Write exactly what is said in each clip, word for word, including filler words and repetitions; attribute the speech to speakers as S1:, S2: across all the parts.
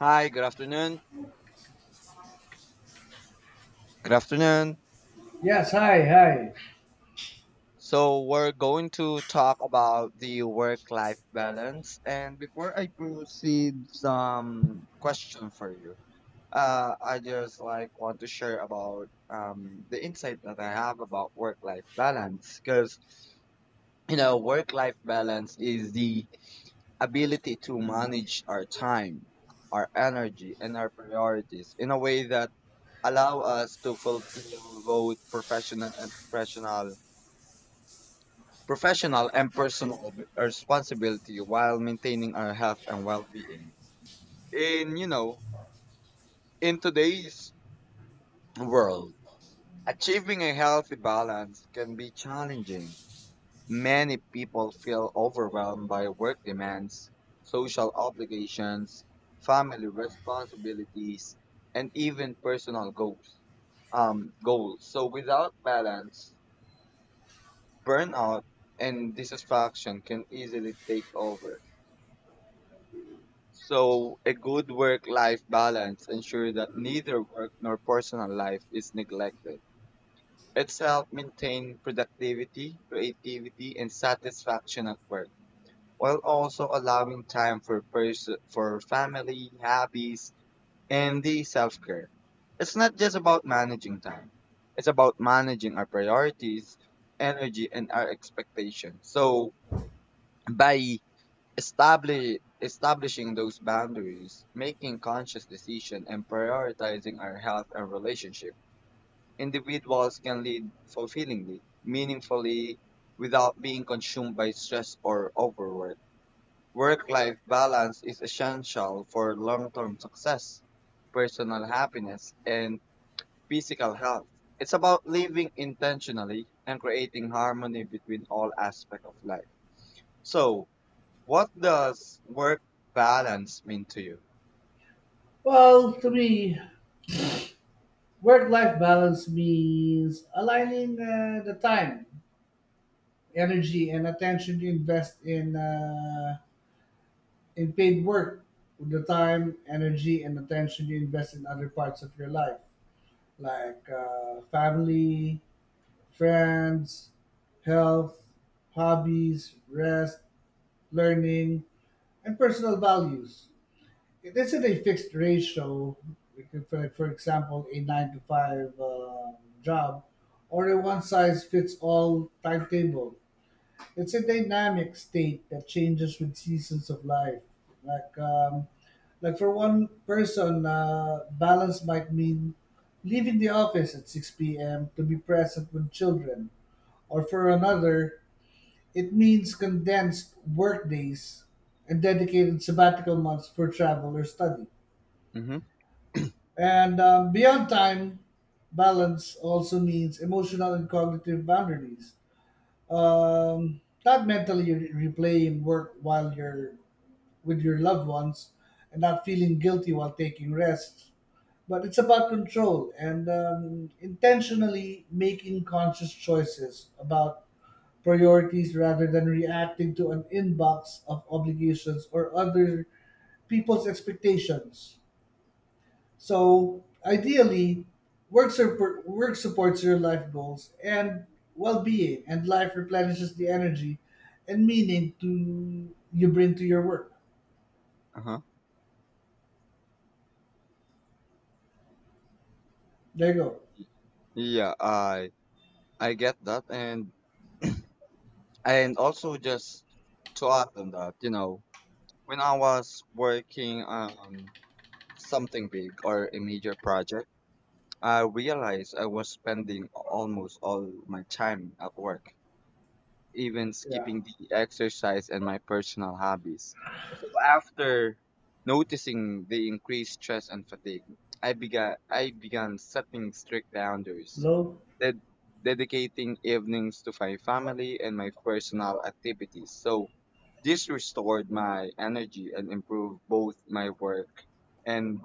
S1: Hi, good afternoon. Good afternoon.
S2: Yes, hi, hi.
S1: So, we're going to talk about the work life balance. And before I proceed, some question for you. Uh, I just like want to share about um, the insight that I have about work life balance because you know, work life balance is the ability to manage our time, our energy, and our priorities in a way that allow us to fulfill both professional and professional professional and personal ob- uh, responsibility while maintaining our health and well-being in you know in today's world. Achieving a healthy balance can be challenging. Many people feel overwhelmed by work demands, social obligations, family responsibilities, and even personal goals um goals So without balance, burnout and dissatisfaction can easily take over. So, a good work life balance ensures that neither work nor personal life is neglected. It's helps maintain productivity, creativity, and satisfaction at work, while also allowing time for, pers- for family, hobbies, and the self care. It's not just about managing time, it's about managing our priorities, energy, and our expectations. So, by Establish, establishing those boundaries, making conscious decision, and prioritizing our health and relationship, individuals can lead fulfillingly, meaningfully, without being consumed by stress or overwork. Work-life balance is essential for long-term success, personal happiness, and physical health. It's about living intentionally and creating harmony between all aspects of life. So, what does work balance mean to you?
S2: Well, to me, work life balance means aligning uh, the time, energy, and attention you invest in, uh, in paid work with the time, energy, and attention you invest in other parts of your life, like uh, family, friends, health, hobbies, rest, learning, and personal values. This is a fixed ratio, like if, uh, for example, a nine to five uh, job or a one size fits all timetable. It's a dynamic state that changes with seasons of life. Like, um, like for one person, uh, balance might mean leaving the office at six p m to be present with children, or for another, it means condensed work days and dedicated sabbatical months for travel or study.
S1: Mm-hmm.
S2: And um, beyond time, balance also means emotional and cognitive boundaries. Um, not mentally re- replaying work while you're with your loved ones and not feeling guilty while taking rest. But it's about control and um, intentionally making conscious choices about priorities rather than reacting to an inbox of obligations or other people's expectations. So ideally, work, support, work supports your life goals and well-being, and life replenishes the energy and meaning to you bring to your work.
S1: Uh-huh.
S2: There you go.
S1: Yeah, I I get that, and and also just to add on that, you know, when I was working on something big or a major project, I realized I was spending almost all my time at work, even
S2: Yeah.
S1: skipping the exercise and my personal hobbies. So after noticing the increased stress and fatigue, I began I began setting strict boundaries,
S2: Hello.
S1: ded- dedicating evenings to my family and my personal activities. So this restored my energy and improved both my work and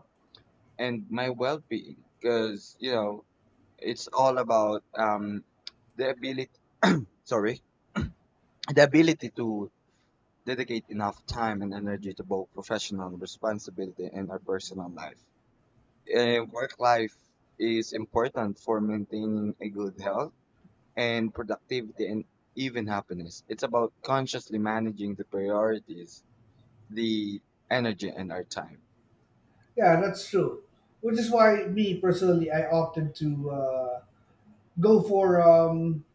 S1: and my well-being, because you know it's all about um the ability sorry the ability to dedicate enough time and energy to both professional responsibility and our personal life. Eh, work life is important for maintaining a good health and productivity and even happiness. It's about consciously managing the priorities, the energy, and our time.
S2: Yeah, that's true. Which is why me personally, I opted to uh, go for um,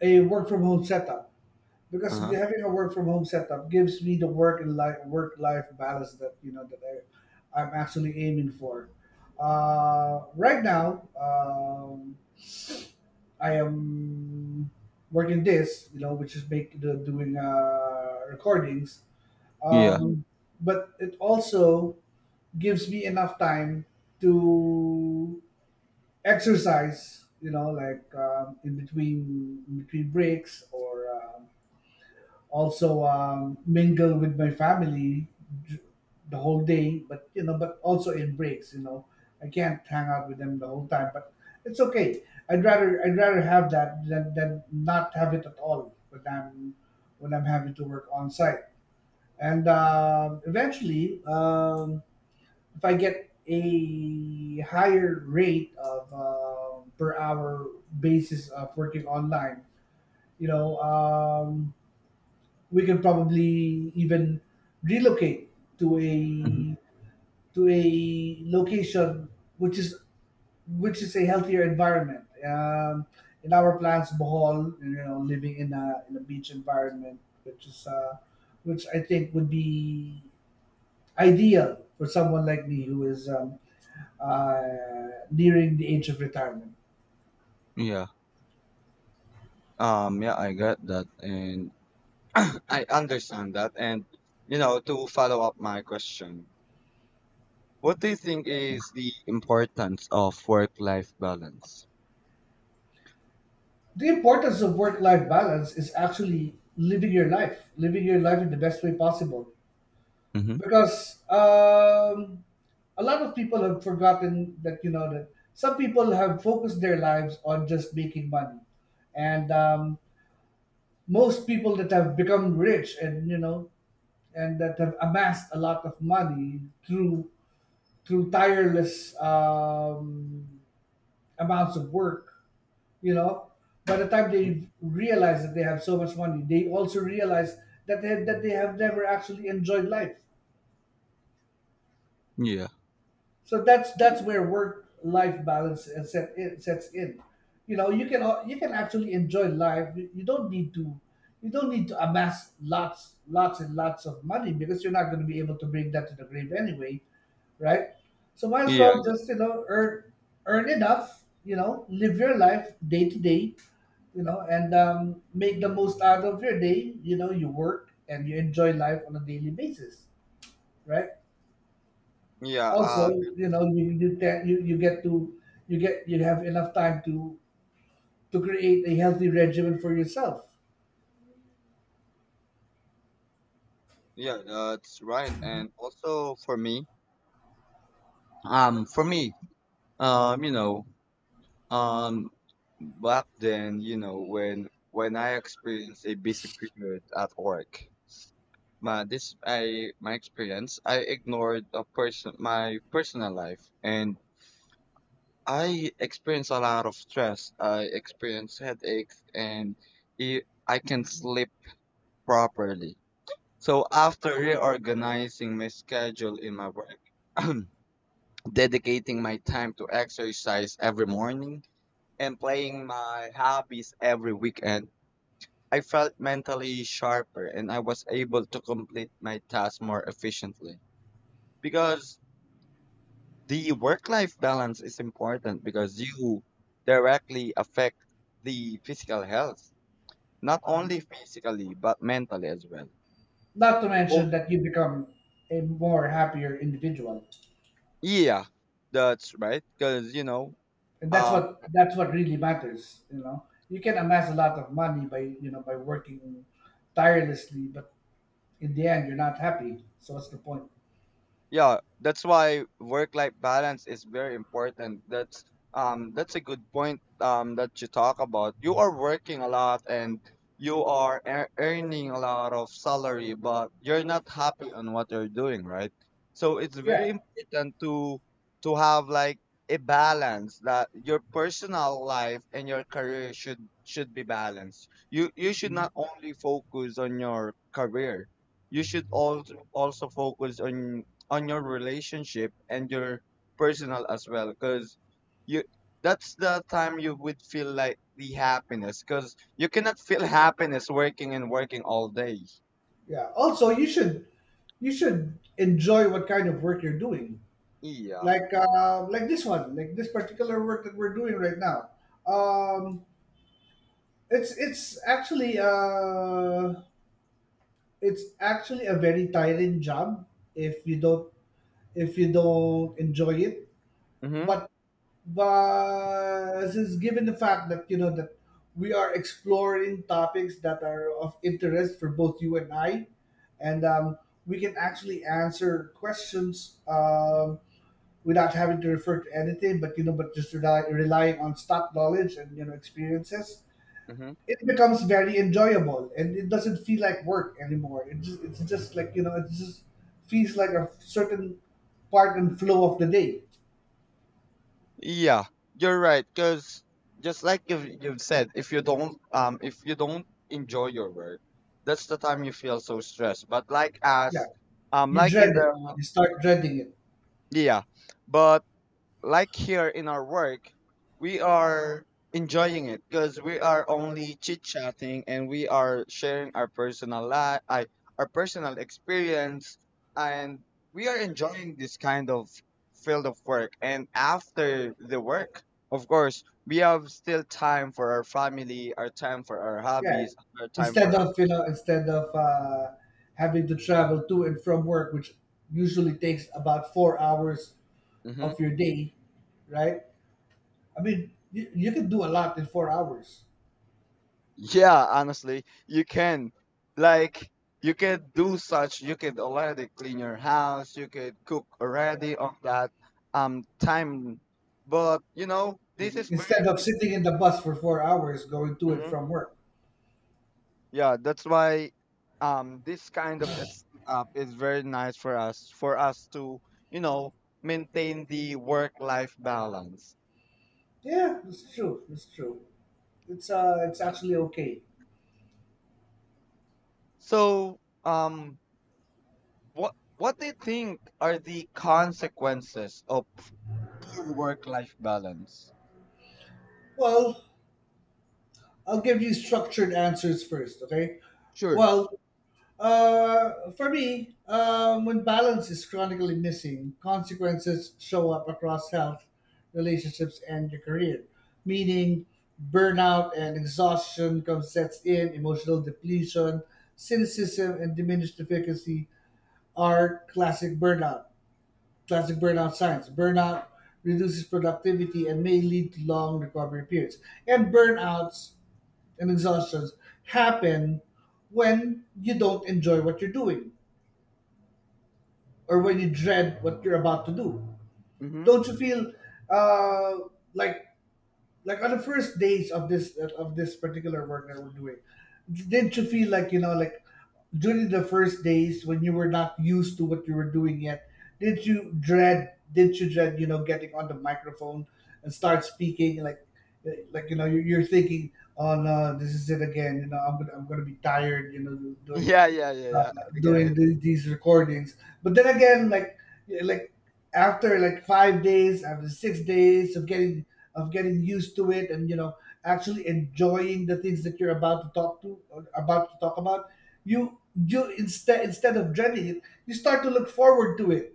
S2: a work from home setup, because
S1: Uh-huh.
S2: having a work from home setup gives me the work and life work life balance that you know that I, I'm actually aiming for. Uh, right now, um, I am working this, you know, which is make the, doing uh, recordings.
S1: Yeah.
S2: Um, but it also gives me enough time to exercise, you know, like um, in between in between breaks, or um, also um, mingle with my family d- the whole day, but you know, but also in breaks, you know, I can't hang out with them the whole time, but it's okay. i'd rather I'd rather have that than, than not have it at all when i'm when I'm having to work on site. And um eventually um, if I get a higher rate of um per hour basis of working online, you know um, we can probably even relocate to
S1: Mhm.
S2: a to a location which is which is a healthier environment. Um, in our plans, Bohol, you know, living in a in a beach environment, which is uh, which I think would be ideal for someone like me who is um, uh, nearing the age of retirement.
S1: Yeah. Um, yeah, I got that. And I understand that. And, you know, to follow up my question, what do you think is the importance of work-life balance?
S2: The importance of work life balance is actually living your life, living your life in the best way possible,
S1: Mm-hmm.
S2: because um, a lot of people have forgotten that, you know, that some people have focused their lives on just making money, and um, most people that have become rich and you know and that have amassed a lot of money through through tireless um, amounts of work, you know. By the time they realize that they have so much money, they also realize that they, that they have never actually enjoyed life.
S1: Yeah.
S2: So that's that's where work life balance and set in, sets in. You know, you can al- you can actually enjoy life. You you don't need to you don't need to amass lots lots and lots of money, because you're not going to be able to bring that to the grave anyway, right? So might as
S1: Yeah,
S2: well just, you know, earn earn enough. You know, live your life day to day. You know, and um, make the most out of your day. You know, you work and you enjoy life on a daily basis, right?
S1: yeah,
S2: Also,
S1: um,
S2: you know, you you, te- you you get to you get you have enough time to to create a healthy regimen for yourself.
S1: yeah, that's right. And also for me, um, for me, um, you know, um, back then, you know, when when I experienced a busy period at work, my this I my experience, I ignored a person my personal life, and I experience a lot of stress. I experience headaches and e, I can not sleep properly. So after reorganizing my schedule in my work, dedicating my time to exercise every morning and playing my hobbies every weekend, I felt mentally sharper and I was able to complete my tasks more efficiently. Because the work life balance is important because you directly affect the physical health, not only physically but mentally as well.
S2: Not to
S1: Oh,
S2: mention that you become a more happier individual,
S1: yeah, that's right. Because you know,
S2: and that's
S1: uh,
S2: what that's what really matters, you know. You can amass a lot of money by, you know, by working tirelessly, but in the end you're not happy, so what's the point?
S1: yeah, that's why work-life balance is very important. That's um that's a good point um that you talk about. You are working a lot, and you are ear- earning a lot of salary, but you're not happy on what you're doing, right? So it's very
S2: Yeah,
S1: important to to have like a balance, that your personal life and your career should should be balanced. You you should not only focus on your career. You should also also focus on on your relationship and your personal as well, because you that's the time you would feel like the happiness, because you cannot feel happiness working and working all day.
S2: yeah, also you should you should enjoy what kind of work you're doing,
S1: Yeah.
S2: like uh, like this one, like this particular work that we're doing right now. Um, it's it's actually uh, it's actually a very tiring job if you don't if you don't enjoy it.
S1: Mhm.
S2: But but since given the fact that you know that we are exploring topics that are of interest for both you and I, and um, we can actually answer questions. Um, without having to refer to anything, but you know, but just rely, relying on stock knowledge and you know experiences,
S1: Mhm.
S2: it becomes very enjoyable and it doesn't feel like work anymore. It just it's just like, you know, it just feels like a certain part and flow of the day.
S1: Yeah, you're right, because just like you've, you've said, if you don't um if you don't enjoy your work, that's the time you feel so stressed, but like
S2: Yeah,
S1: as, um
S2: you
S1: like
S2: dread
S1: in
S2: it.
S1: the,
S2: You start dreading it.
S1: yeah, but like here in our work, we are enjoying it, because we are only chit chatting and we are sharing our personal life, our personal experience, and we are enjoying this kind of field of work. And after the work, of course, we have still time for our family, our time for our
S2: Yeah,
S1: hobbies, our time for
S2: instead
S1: our
S2: of, you know,
S1: personal.
S2: instead of uh, having to travel to and from work, which usually takes about four hours
S1: Mm-hmm.
S2: of your day, right? I mean, you, you can do a lot in four hours,
S1: Yeah, honestly, you can. Like, you can do such. You could already clean your house. You could cook
S2: uh,
S1: already on that um time. But you know, this is
S2: instead
S1: very.
S2: of sitting in the bus for four hours going to and
S1: Mhm.
S2: from work.
S1: Yeah, that's why um this kind of a setup is very nice for us for us to you know maintain the work life balance.
S2: Yeah, that's true. That's true. It's uh, it's actually okay.
S1: So um what what do you think are the consequences of poor work life balance?
S2: Well, I'll give you structured answers first, okay?
S1: Sure.
S2: Well, Uh, for me, um, when balance is chronically missing, consequences show up across health, relationships, and your career. Meaning, burnout and exhaustion come sets in, emotional depletion, cynicism, and diminished efficacy are classic burnout. Classic burnout signs. Burnout reduces productivity and may lead to long recovery periods. And burnouts and exhaustions happen when you don't enjoy what you're doing, or when you dread what you're about to do?
S1: Mhm.
S2: Don't you feel uh, like like on the first days of this of this particular work that we're doing? Didn't you feel like, you know, like during the first days when you were not used to what you were doing yet? Did you dread? Did you dread, you know, getting on the microphone and start speaking like like you know you're, you're thinking, oh no, this is it again, you know, I'm gonna I'm gonna be tired, you know, doing
S1: Yeah, yeah, yeah, yeah.
S2: uh,
S1: I get
S2: doing
S1: it.
S2: the, these recordings. But then again, like yeah, like after like five days, after six days of getting of getting used to it, and you know actually enjoying the things that you're about to talk to or about to talk about, you you instead instead of dreading it, you start to look forward to it.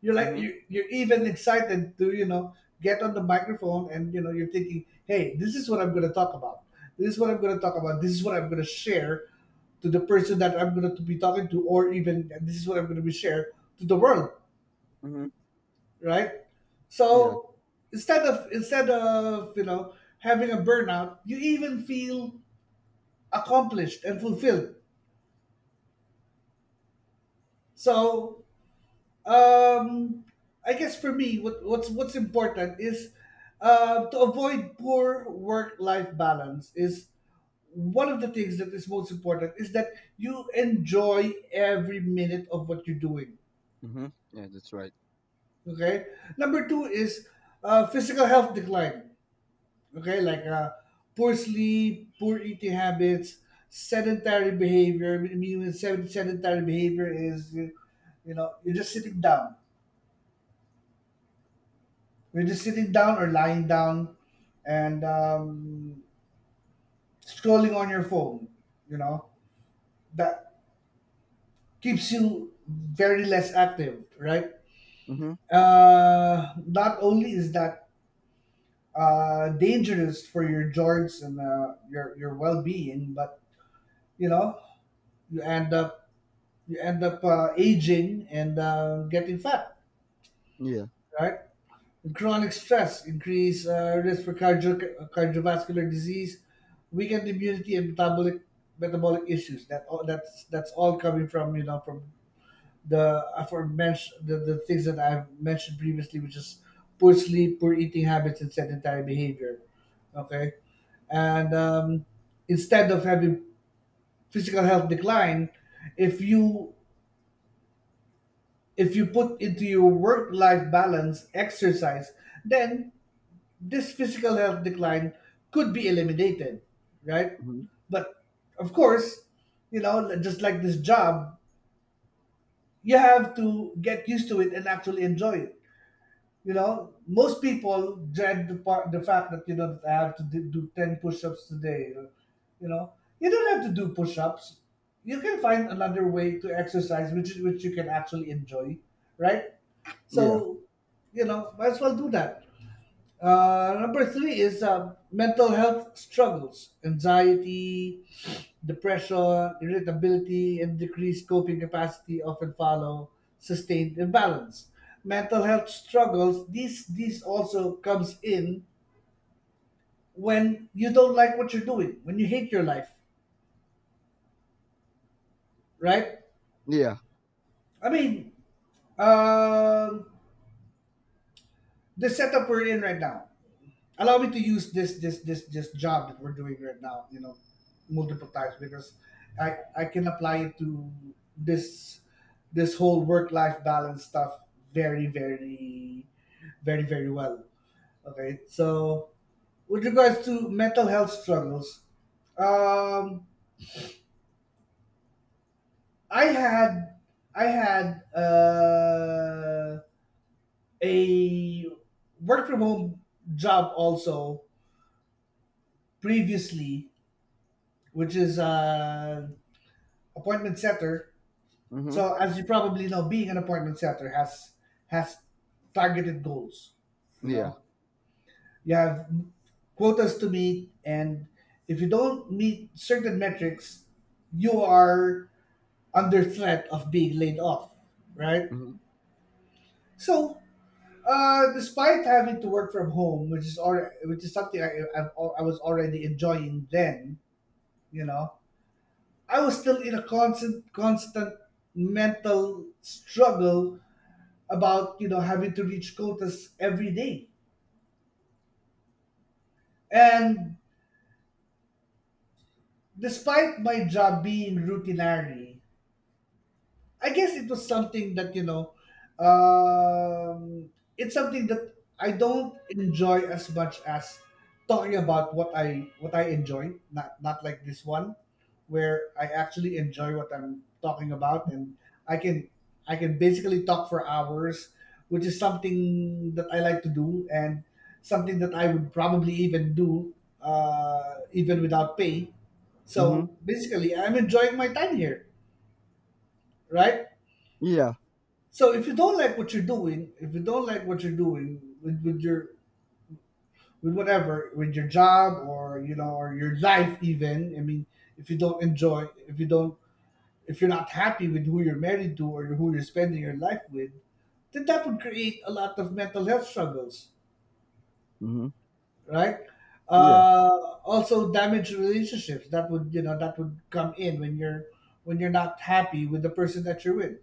S2: You're like
S1: Mhm.
S2: you you're even excited to, you know, get on the microphone and you know you're thinking, hey, this is what I'm going to talk about. This is what I'm going to talk about. This is what I'm going to share to the person that I'm going to be talking to, or even this is what I'm going to be share to the world,
S1: Mhm.
S2: right?
S1: Yeah.
S2: So instead of instead of, you know, having a burnout, you even feel accomplished and fulfilled. So Um, I guess for me, what, what's what's important is uh, to avoid poor work-life balance is one of the things that is most important is that you enjoy every minute of what you're doing.
S1: Mhm. Yeah, that's right.
S2: Okay. Number two is uh, physical health decline. Okay, like uh, poor sleep, poor eating habits, sedentary behavior. I mean, when sed- sedentary behavior is you know you're just sitting down, you are just sitting down or lying down and um, scrolling on your phone. You know that keeps you very less active, right?
S1: Mhm.
S2: Uh, not only is that uh, dangerous for your joints and uh, your your well being, but you know you end up you end up uh, aging and uh, getting fat,
S1: Yeah.
S2: right? Chronic stress increase uh, risk for cardio, cardiovascular disease, weakened immunity, and metabolic metabolic issues. That all, that's that's all coming from, you know, from the aforementioned the, the things that I've mentioned previously, which is poor sleep, poor eating habits, and sedentary behavior. Okay, and um, instead of having physical health decline, if you if you put into your work life balance exercise, then this physical health decline could be eliminated, right?
S1: Mhm.
S2: But of course, you know, just like this job, you have to get used to it and actually enjoy it. You know, most people dread the part, the fact that you know that I have to do do ten push-ups today. You know, you don't have to do push-ups. You can find another way to exercise, which which you can actually enjoy, right?
S1: Yeah.
S2: So, you know, might as well do that. Uh, number three is uh, mental health struggles, anxiety, depression, irritability, and decreased coping capacity often follow sustained imbalance. Mental health struggles, these, these also comes in when you don't like what you're doing, when you hate your life, right?
S1: Yeah.
S2: I mean, um the setup we're in right now. Allow me to use this this this this job that we're doing right now, you know, multiple times because i i can apply it to this this whole work life balance stuff very, very, very, very well. Okay, so with regards to mental health struggles, um i had I had uh, a work from home job also previously, which is uh appointment setter.
S1: Mhm.
S2: So as you probably know, being an appointment setter has has targeted goals. You
S1: Yeah.
S2: know, you have quotas to meet, and if you don't meet certain metrics, you are under threat of being laid off. Right.
S1: Mhm.
S2: So, uh, despite having to work from home, which is already, which is something I, I, I was already enjoying then, you know, I was still in a constant constant mental struggle about, you know, having to reach quotas every day. And despite my job being routinary, I guess it was something that, you know, um, it's something that I don't enjoy as much as talking about what I what I enjoy. Not not like this one, where I actually enjoy what I'm talking about, and I can I can basically talk for hours, which is something that I like to do, and something that I would probably even do, uh, even without pay.
S1: Mhm.
S2: So basically, I'm enjoying my time here, right?
S1: Yeah.
S2: So if you don't like what you're doing, if you don't like what you're doing with, with your with whatever, with your job or, you know, or your life even, I mean, if you don't enjoy if you don't, if you're not happy with who you're married to or who you're spending your life with, then that would create a lot of mental health struggles,
S1: Mhm.
S2: right?
S1: Yeah.
S2: Uh, also damage relationships. That would, you know, that would come in when you're when you're not happy with the person that you're with.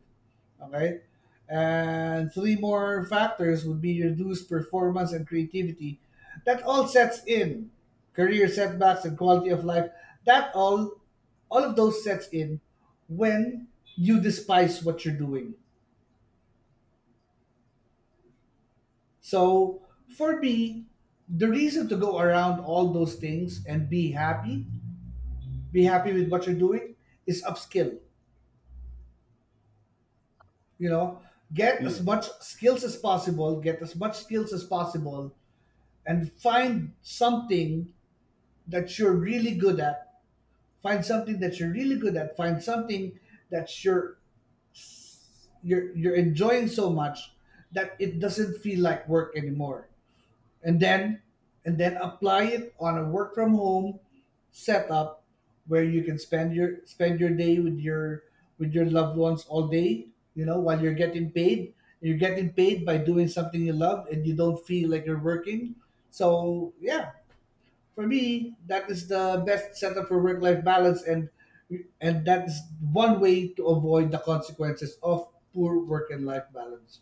S2: Okay? And three more factors would be reduced performance and creativity. That all sets in. Career setbacks and quality of life. That all all of those sets in when you despise what you're doing. So for me, the reason to go around all those things and be happy, be happy with what you're doing, is upskill. You know, get as
S1: Yeah.
S2: much skills as possible, get as much skills as possible, and find something that you're really good at, find something that you're really good at, find something that you're you're you're enjoying so much that it doesn't feel like work anymore, and then and then apply it on a work from home setup where you can spend your spend your day with your with your loved ones all day, you know, while you're getting paid. You're getting paid by doing something you love and you don't feel like you're working. So yeah. For me, that is the best setup for work-life balance, and and that is one way to avoid the consequences of poor work and life balance.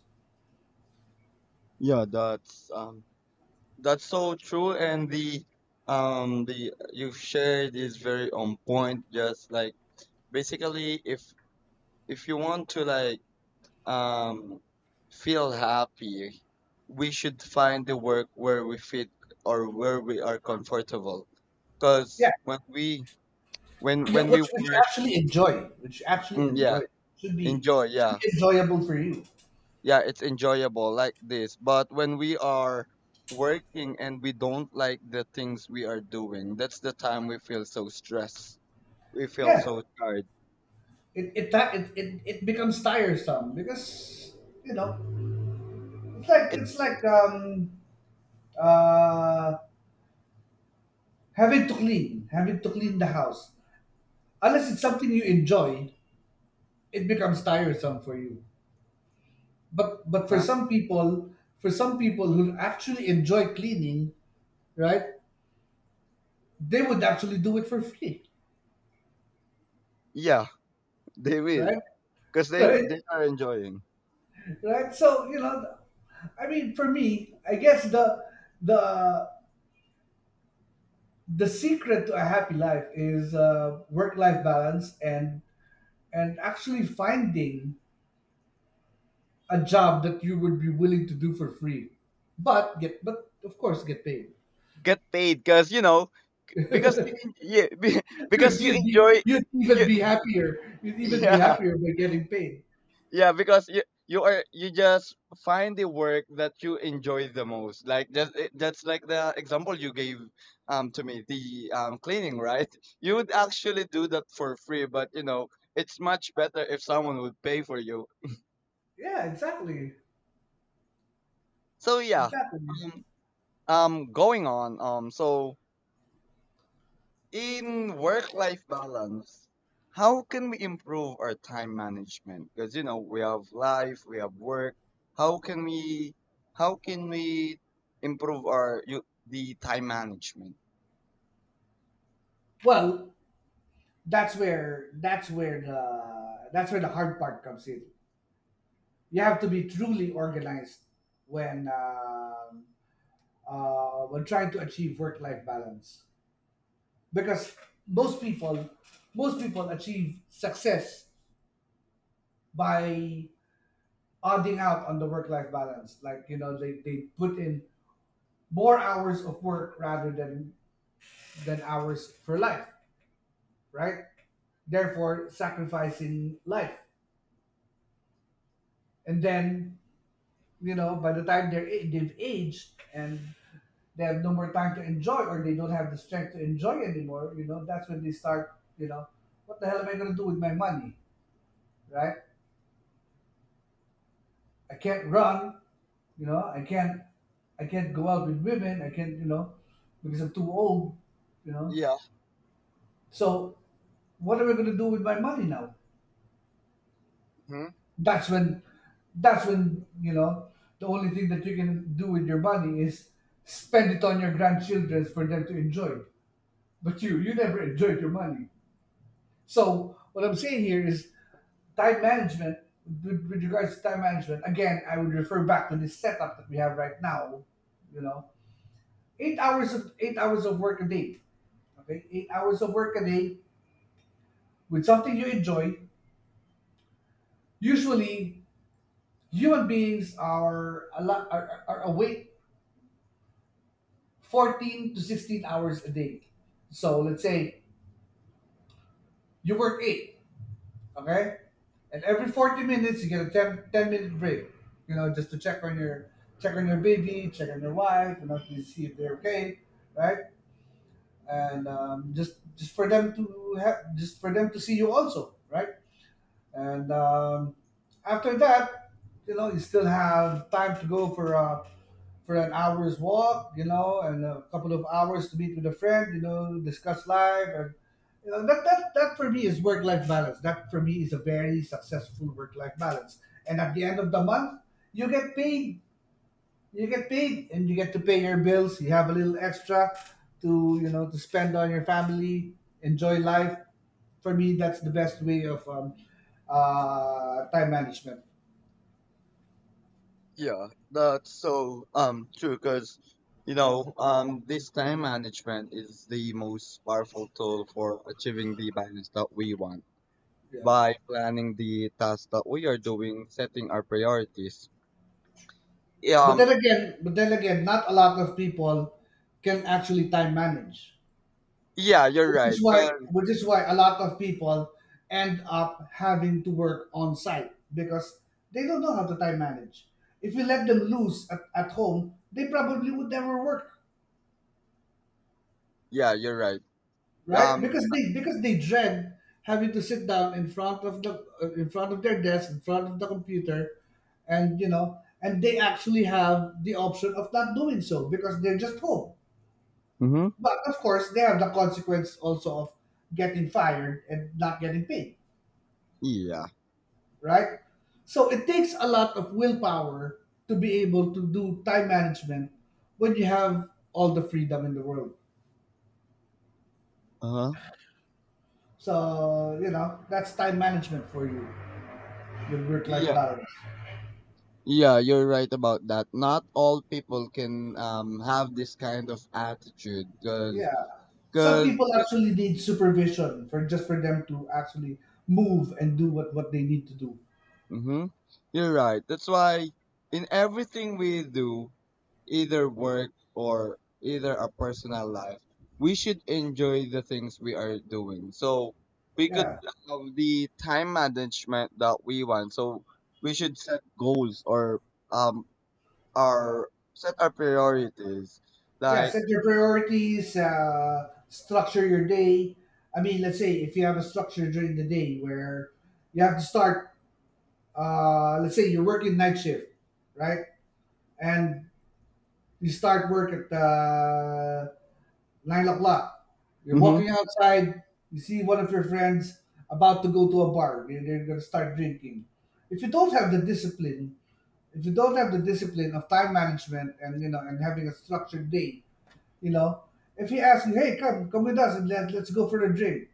S1: Yeah, that's um that's so true, and the um the you've shared is very on point, just like basically, if if you want to like um, feel happy, we should find the work where we fit or where we are comfortable.
S2: Yeah,
S1: Because when we when
S2: yeah,
S1: when
S2: which
S1: we
S2: which you
S1: work,
S2: actually enjoy, which you actually
S1: mm, yeah,
S2: enjoy, should be
S1: enjoy,
S2: should
S1: yeah,
S2: be enjoyable for you.
S1: yeah, it's enjoyable like this. But when we are working and we don't like the things we are doing, that's the time we feel so stressed. We feel
S2: Yeah,
S1: so tired.
S2: it it ti- it it, it becomes tiresome because, you know, it's like
S1: It,
S2: it's like um uh having to clean, having to clean the house. Unless it's something you enjoy, it becomes tiresome for you. but but for
S1: huh?
S2: some people, for some people who actually enjoy cleaning, right, they would actually do it for free.
S1: Yeah, they will,
S2: Right.
S1: because they
S2: Right,
S1: they are enjoying.
S2: right. So, you know, I mean, for me, I guess the the the secret to a happy life is, uh, work life balance, and and actually finding a job that you would be willing to do for free, but get, but of course, get paid.
S1: Get paid, because you know, because you, en- yeah, be- because
S2: Because
S1: you
S2: you'd be,
S1: enjoy
S2: you'd even
S1: you.
S2: be happier, you'd even be
S1: Yeah,
S2: happier by getting paid.
S1: yeah, because you you are, you just find the work that you enjoy the most, like that, eh, that's like the example you gave, um to me, the um cleaning, right? You would actually do that for free, but you know, it's much better if someone would pay for you.
S2: Yeah, exactly.
S1: So yeah.
S2: Exactly.
S1: um um Going on, um so in work-life balance, how can we improve our time management? Because you know we have life, we have work. How can we how can we improve our you, the time management?
S2: Well, that's where, that's where the, that's where the hard part comes in. You have to be truly organized when um uh, when trying to achieve work life balance, because most people, most people achieve success by odding out on the work life balance. Like, you know, they, they put in more hours of work rather than than hours for life, right? Therefore, sacrificing life, and then, you know, by the time they're a- they've aged and they have no more time to enjoy, or they don't have the strength to enjoy anymore, you know, that's when they start, you know, what the hell am I going to do with my money? Right? I can't run, you know, i can't I can't go out with women, I can't, you know, because I'm too old, you know?
S1: Yeah.
S2: So what am I going to do with my money now?
S1: Mhm.
S2: That's when, that's when, you know, the only thing that you can do with your money is spend it on your grandchildren for them to enjoy it, but you you never enjoyed your money. So what I'm saying here is time management. with, with regards to time management, again, I would refer back to this setup that we have right now, you know. Eight hours of eight hours of work a day. Okay, eight hours of work a day with something you enjoy. Usually human beings are a lot are, are are awake fourteen to sixteen hours a day. So let's say you work eight, okay? And every forty minutes you get a ten ten minute break, you know, just to check on your, check on your baby, check on your wife, you know, to see if they're okay, right? And um, just just for them to have, just for them to see you also, right? And um, after that, you know, you still have time to go for a for an hour's walk, you know, and a couple of hours to meet with a friend, you know, discuss life, and you know that that that for me is work-life balance. That for me is a very successful work-life balance. And at the end of the month, you get paid. You get paid, and you get to pay your bills. You have a little extra to, you know, to spend on your family, enjoy life. For me, that's the best way of um, uh, time management.
S1: Yeah, that's so um true, because you know um this time management is the most powerful tool for achieving the balance that we want
S2: Yeah.
S1: by planning the tasks that we are doing, setting our priorities. Yeah.
S2: But
S1: um
S2: then again, but then again, not a lot of people can actually time manage,
S1: Yeah, you're
S2: which
S1: right.
S2: is why,
S1: 'Cause
S2: which is why a lot of people end up having to work on site because they don't know how to time manage. If we let them loose at, at home, they probably would never work,
S1: yeah, you're right.
S2: right?
S1: Um,
S2: Because they, because they dread having to sit down in front of the uh, in front of their desk, in front of the computer, and you know, and they actually have the option of not doing so because they're just home.
S1: Mm-hmm.
S2: But of course, they have the consequence also of getting fired and not getting paid,
S1: Yeah.
S2: right? So it takes a lot of willpower to be able to do time management when you have all the freedom in the world.
S1: Uh-huh.
S2: So, you know, that's time management for you, your work life
S1: Yeah.
S2: balance.
S1: Yeah, you're right about that. Not all people can um have this kind of attitude, cause,
S2: Yeah. Some
S1: cause
S2: people
S1: yeah.
S2: actually need supervision for, just for them to actually move and do what, what they need to do.
S1: Mm-hmm. You're right. That's why in everything we do, either work or either our personal life, we should enjoy the things we are doing. So we could
S2: Yeah.
S1: have the time management that we want. So we should set goals, or um our set our priorities.
S2: Yeah,
S1: Like.
S2: set your priorities, uh, structure your day. I mean, let's say if you have a structure during the day where you have to start, uh, let's say you're working night shift, right? And you start work at uh, nine o'clock. You're
S1: Mm-hmm.
S2: walking outside, you see one of your friends about to go to a bar, they're, they're going to start drinking. If you don't have the discipline, if you don't have the discipline of time management and, you know, and having a structured day, you know, if he asks you, "Hey, come, come with us and let, let's go for a drink,"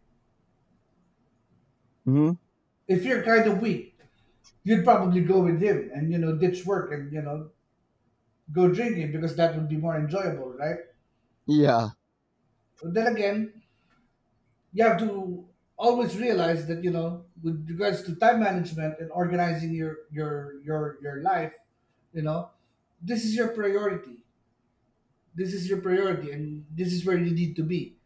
S1: Mm-hmm.
S2: if you're kind of weak, you'd probably go with him and, you know, ditch work and, you know, go drinking because that would be more enjoyable, right?
S1: Yeah.
S2: Then again, you have to always realize that, you know, with regards to time management and organizing your your your your life, you know, this is your priority. This is your priority, and this is where you need to be.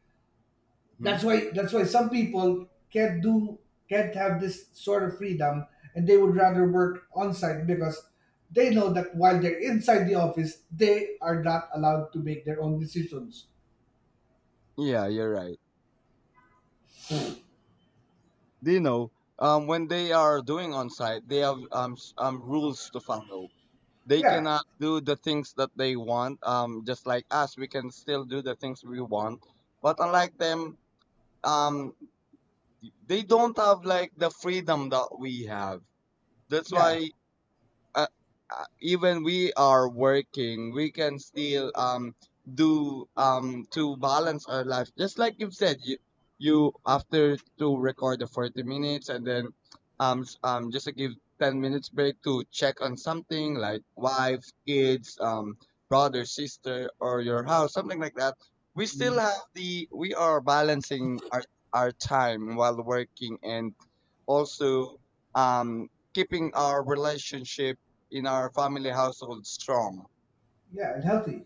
S1: Hmm.
S2: That's why, that's why some people can't do, can't have this sort of freedom, and they would rather work on site because they know that while they're inside the office, they are not allowed to make their own decisions.
S1: Yeah, you're right. Do you know um, when they are doing on site, they have um, s- um, rules to follow. They
S2: Yeah.
S1: cannot do the things that they want. Um, just like us, we can still do the things we want. But unlike them, um, they don't have like the freedom that we have. That's
S2: Yeah.
S1: why uh, uh, even we are working, we can still um do um to balance our life. Just like you've said, you you after to record the forty minutes, and then um s- um just to give ten minutes break to check on something like wife, kids, um brother, sister, or your house, something like that. We still
S2: Mm,
S1: have the we are balancing our our time while working, and also um, keeping our relationship in our family household strong.
S2: yeah, and healthy.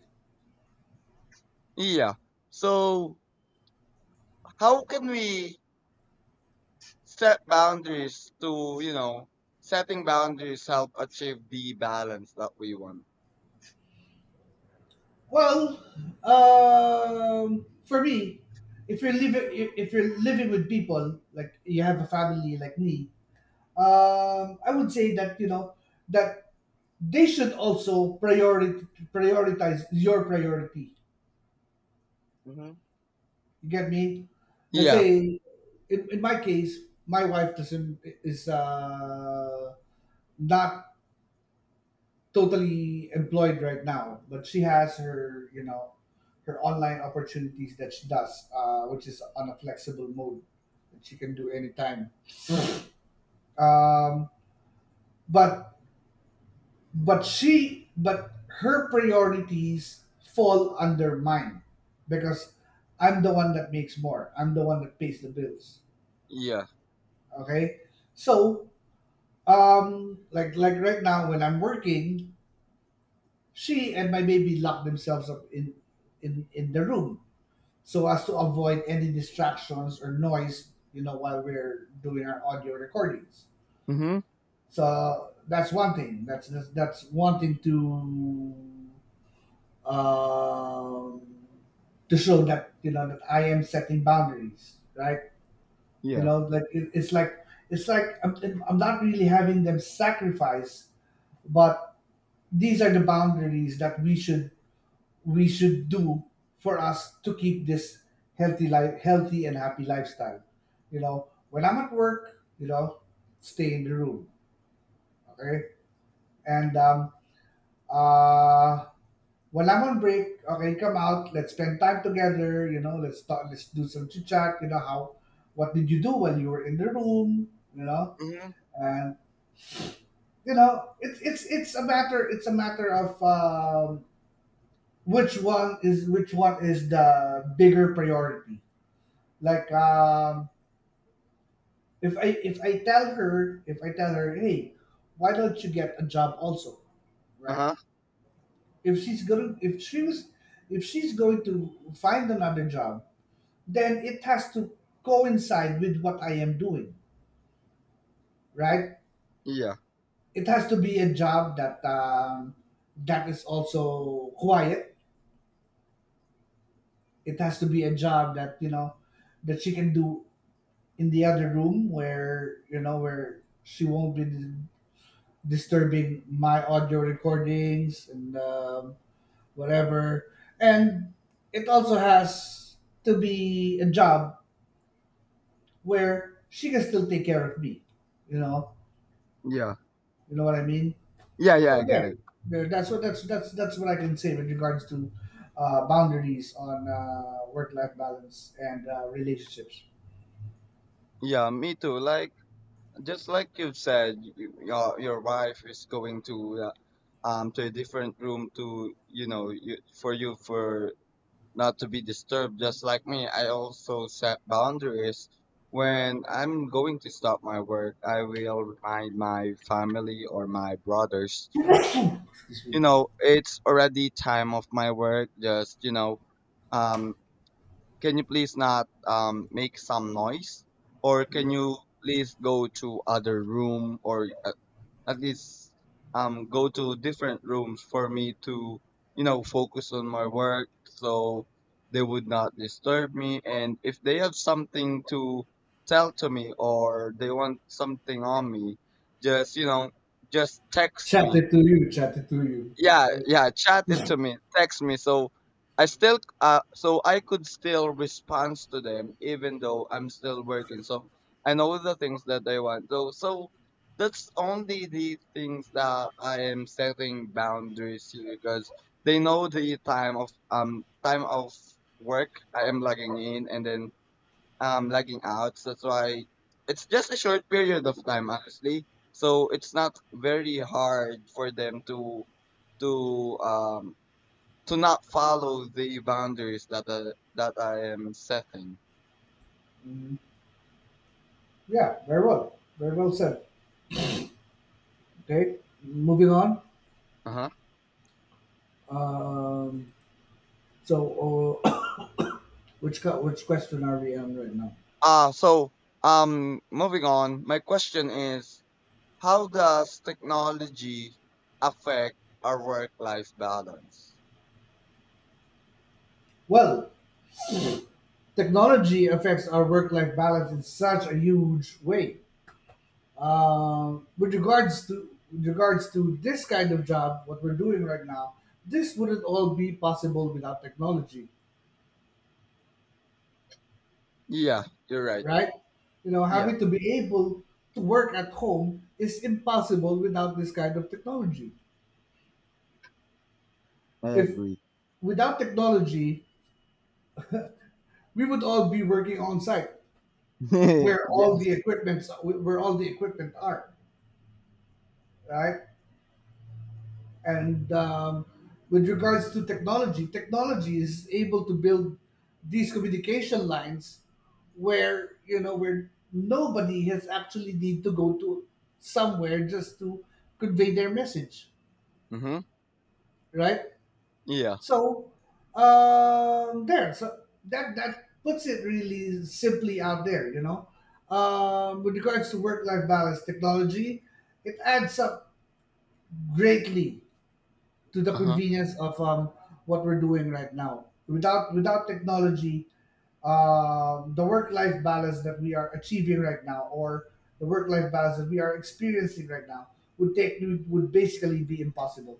S1: Yeah. So how can we set boundaries to, you know, setting boundaries help achieve the balance that we want?
S2: Well, um for me, if you're living, if you're living with people, like you have a family like me, um I would say that, you know, that they should also priority prioritize your priority.
S1: Hmm.
S2: You get me? Let's
S1: Yeah.
S2: say, in, in my case, my wife doesn't is, uh, not totally employed right now, but she has her, you know, her online opportunities that she does, uh, which is on a flexible mode that she can do anytime. Um, but but she but her priorities fall under mine because i'm the one that makes more I'm the one that pays the bills.
S1: Yeah.
S2: Okay. So um like like right now when I'm working, she and my baby lock themselves up in in in the room so as to avoid any distractions or noise, you know, while we're doing our audio recordings.
S1: Hmm.
S2: So that's one thing that's that's, that's wanting to um, to show that, you know, that I am setting boundaries, right? You
S1: Yeah.
S2: know, like it, it's like it's like I'm, I'm not really having them sacrifice, but these are the boundaries that we should we should do for us to keep this healthy life, healthy and happy lifestyle. You know, when I'm at work, you know, stay in the room, okay, and um, uh, while I'm on break. Okay, come out. Let's spend time together. You know, let's talk. Let's do some chit chat. You know how? What did you do while you were in the room? You know,
S1: Hmm.
S2: and you know, it's it's it's a matter. It's a matter of um, which one is which one is the bigger priority. Like, um, if I if I tell her if I tell her, hey, why don't you get a job also, right?
S1: Uh-huh.
S2: If she's going if she was if she's going to find another job, then it has to coincide with what I am doing, right?
S1: Yeah.
S2: It has to be a job that um, that is also quiet. It has to be a job that, you know, that she can do in the other room where, you know, where she won't be dis- disturbing my audio recordings and um, whatever. And it also has to be a job where she can still take care of me. You know,
S1: Yeah.
S2: you know what I mean.
S1: Yeah, yeah,
S2: So
S1: I get it.
S2: again, there- that's what that's that's that's what I can say with regards to uh, boundaries on uh, work-life balance and uh, relationships.
S1: Yeah, me too. Like, just like you said, y- your your wife is going to uh, um to a different room, to you know you, for you for not to be disturbed. Just like me, I also set boundaries. When I'm going to stop my work, I will remind my family or my brothers.
S2: Excuse
S1: You
S2: me.
S1: know, it's already time of my work. Just, you know, um can you please not um, make some noise? Or can you please go to other room, or at, at least um, go to different rooms for me to, you know, focus on my work, so they would not disturb me. And if they have something to tell to me, or they want something on me, just, you know, just text me.
S2: Chatted to you. Chatted to you.
S1: Yeah,
S2: Right.
S1: yeah, chat it to me, text me, so I still uh so I could still respond to them even though I'm still working, so I know the things that they want, so so that's only the things that I am setting boundaries here, because they know the time of um time of work I am logging in, and then um lagging out. So that's why it's just a short period of time, honestly. So it's not very hard for them to to um to not follow the boundaries that uh, that I am setting.
S2: Mhm. Yeah. Very well. Very well said. Okay. Moving on.
S1: Uh-huh.
S2: Um, so, uh, which co- which question are we on right now?
S1: Uh so um moving on, my question is, how does technology affect our work life balance?
S2: Well, technology affects our work-life balance in such a huge way. Um, with regards to with regards to this kind of job, what we're doing right now, this wouldn't all be possible without technology,
S1: Yeah, you're right.
S2: right? You know,
S1: Yeah.
S2: having to be able to work at home is impossible without this kind of technology.
S1: I
S2: If
S1: agree.
S2: without technology, we would all be working on site where all the
S1: Yes.
S2: equipments where all the equipment are, right? And um, with regards to technology, technology is able to build these communication lines where, you know, where nobody has actually need to go to somewhere just to convey their message,
S1: Mm-hmm.
S2: right?
S1: Yeah.
S2: So um, there, so that that puts it really simply out there, you know. Um, with regards to work-life balance, technology, it adds up greatly to the
S1: Uh-huh.
S2: convenience of um, what we're doing right now. Without without technology, um, the work life balance that we are achieving right now, or the work life balance that we are experiencing right now, would take would would basically be impossible.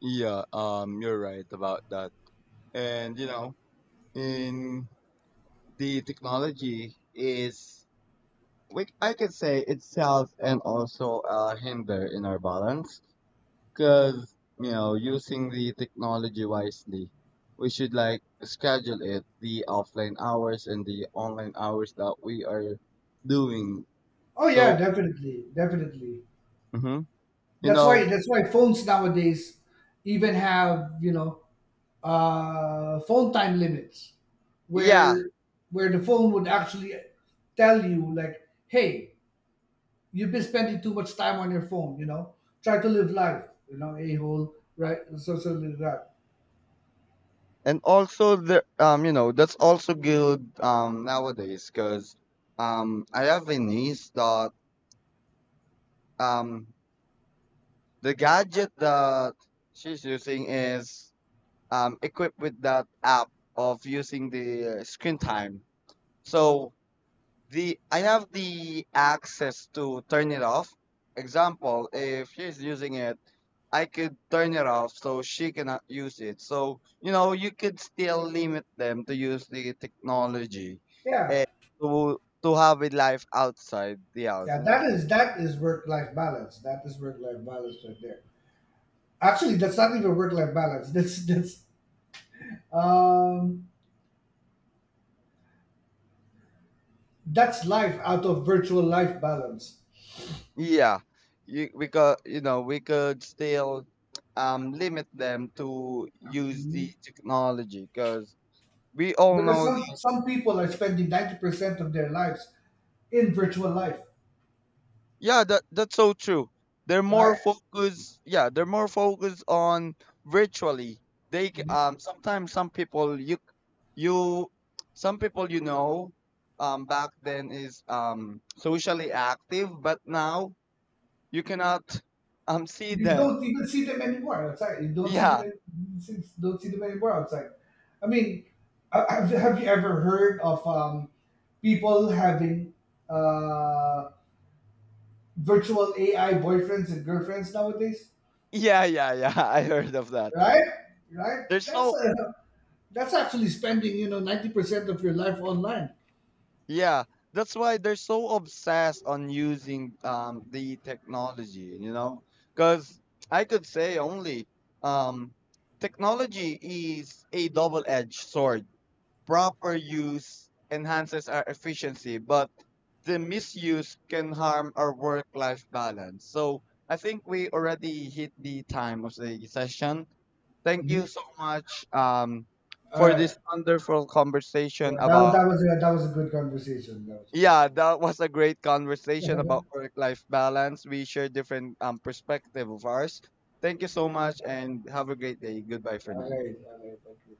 S1: Yeah, um, you're right about that. And you know, in the technology is, we, I could say itself, and also a hinder in our balance, because you know, using the technology wisely, we should like schedule it the offline hours and the online hours that we are doing.
S2: Oh yeah,
S1: So.
S2: definitely, definitely.
S1: Mhm. You
S2: That's why
S1: know,
S2: that's why phones nowadays even have, you know, uh, phone time limits,
S1: yeah,
S2: where where the phone would actually tell you like, hey, you've been spending too much time on your phone, you know. Try to live life, you know, a hole, right? So so live life.
S1: and also the um you know that's also good um nowadays, because um I have a niece that um the gadget that she's using is um equipped with that app of using the uh, screen time. So. The I have the access to turn it off. Example, if she's using it, I could turn it off so she cannot use it. So, you know, you could still limit them to use the technology,
S2: Yeah.
S1: and to to have a life outside the house,
S2: Yeah,
S1: you know?
S2: that is that is work life balance. That is work life balance right there. Actually, that's not even work life balance. That's that's um that's life out of virtual life balance.
S1: Yeah. You we could you know, we could still um limit them to use the
S2: Mhm.
S1: technology, because we all
S2: Because
S1: know.
S2: some some people are spending ninety percent of their lives in virtual life,
S1: Yeah, that that's so true. They're more
S2: right?
S1: focused. Yeah, they're more focused on virtually. They c- um sometimes, some people you you some people, you know, um back then is um socially active, but now you cannot um see
S2: You
S1: them.
S2: don't even see them anymore outside. You don't see them
S1: Yeah,
S2: in, don't see them anymore outside. I mean, uh, have have you ever heard of um, people having uh, virtual A I boyfriends and girlfriends nowadays?
S1: yeah, yeah, yeah. I heard of that.
S2: Right, right.
S1: They're
S2: That's
S1: so.
S2: uh, that's actually spending, you know, ninety percent of your life online.
S1: Yeah, that's why they're so obsessed on using um, the technology, you know? Because I could say only um, technology is a double edged sword. Proper use enhances our efficiency, but the misuse can harm our work life balance. So I think we already hit the time of the session. Thank you
S2: Mhm.
S1: so much um,
S2: All
S1: for
S2: right.
S1: this wonderful conversation
S2: Yeah, that, was-
S1: about.
S2: that was a, that was a good conversation. That was a good
S1: Yeah,
S2: conversation.
S1: that was a great conversation about work-life balance. We share different um, perspective of ours. Thank you so much and have a great day. Goodbye for
S2: All
S1: now.
S2: right, all right, thank you.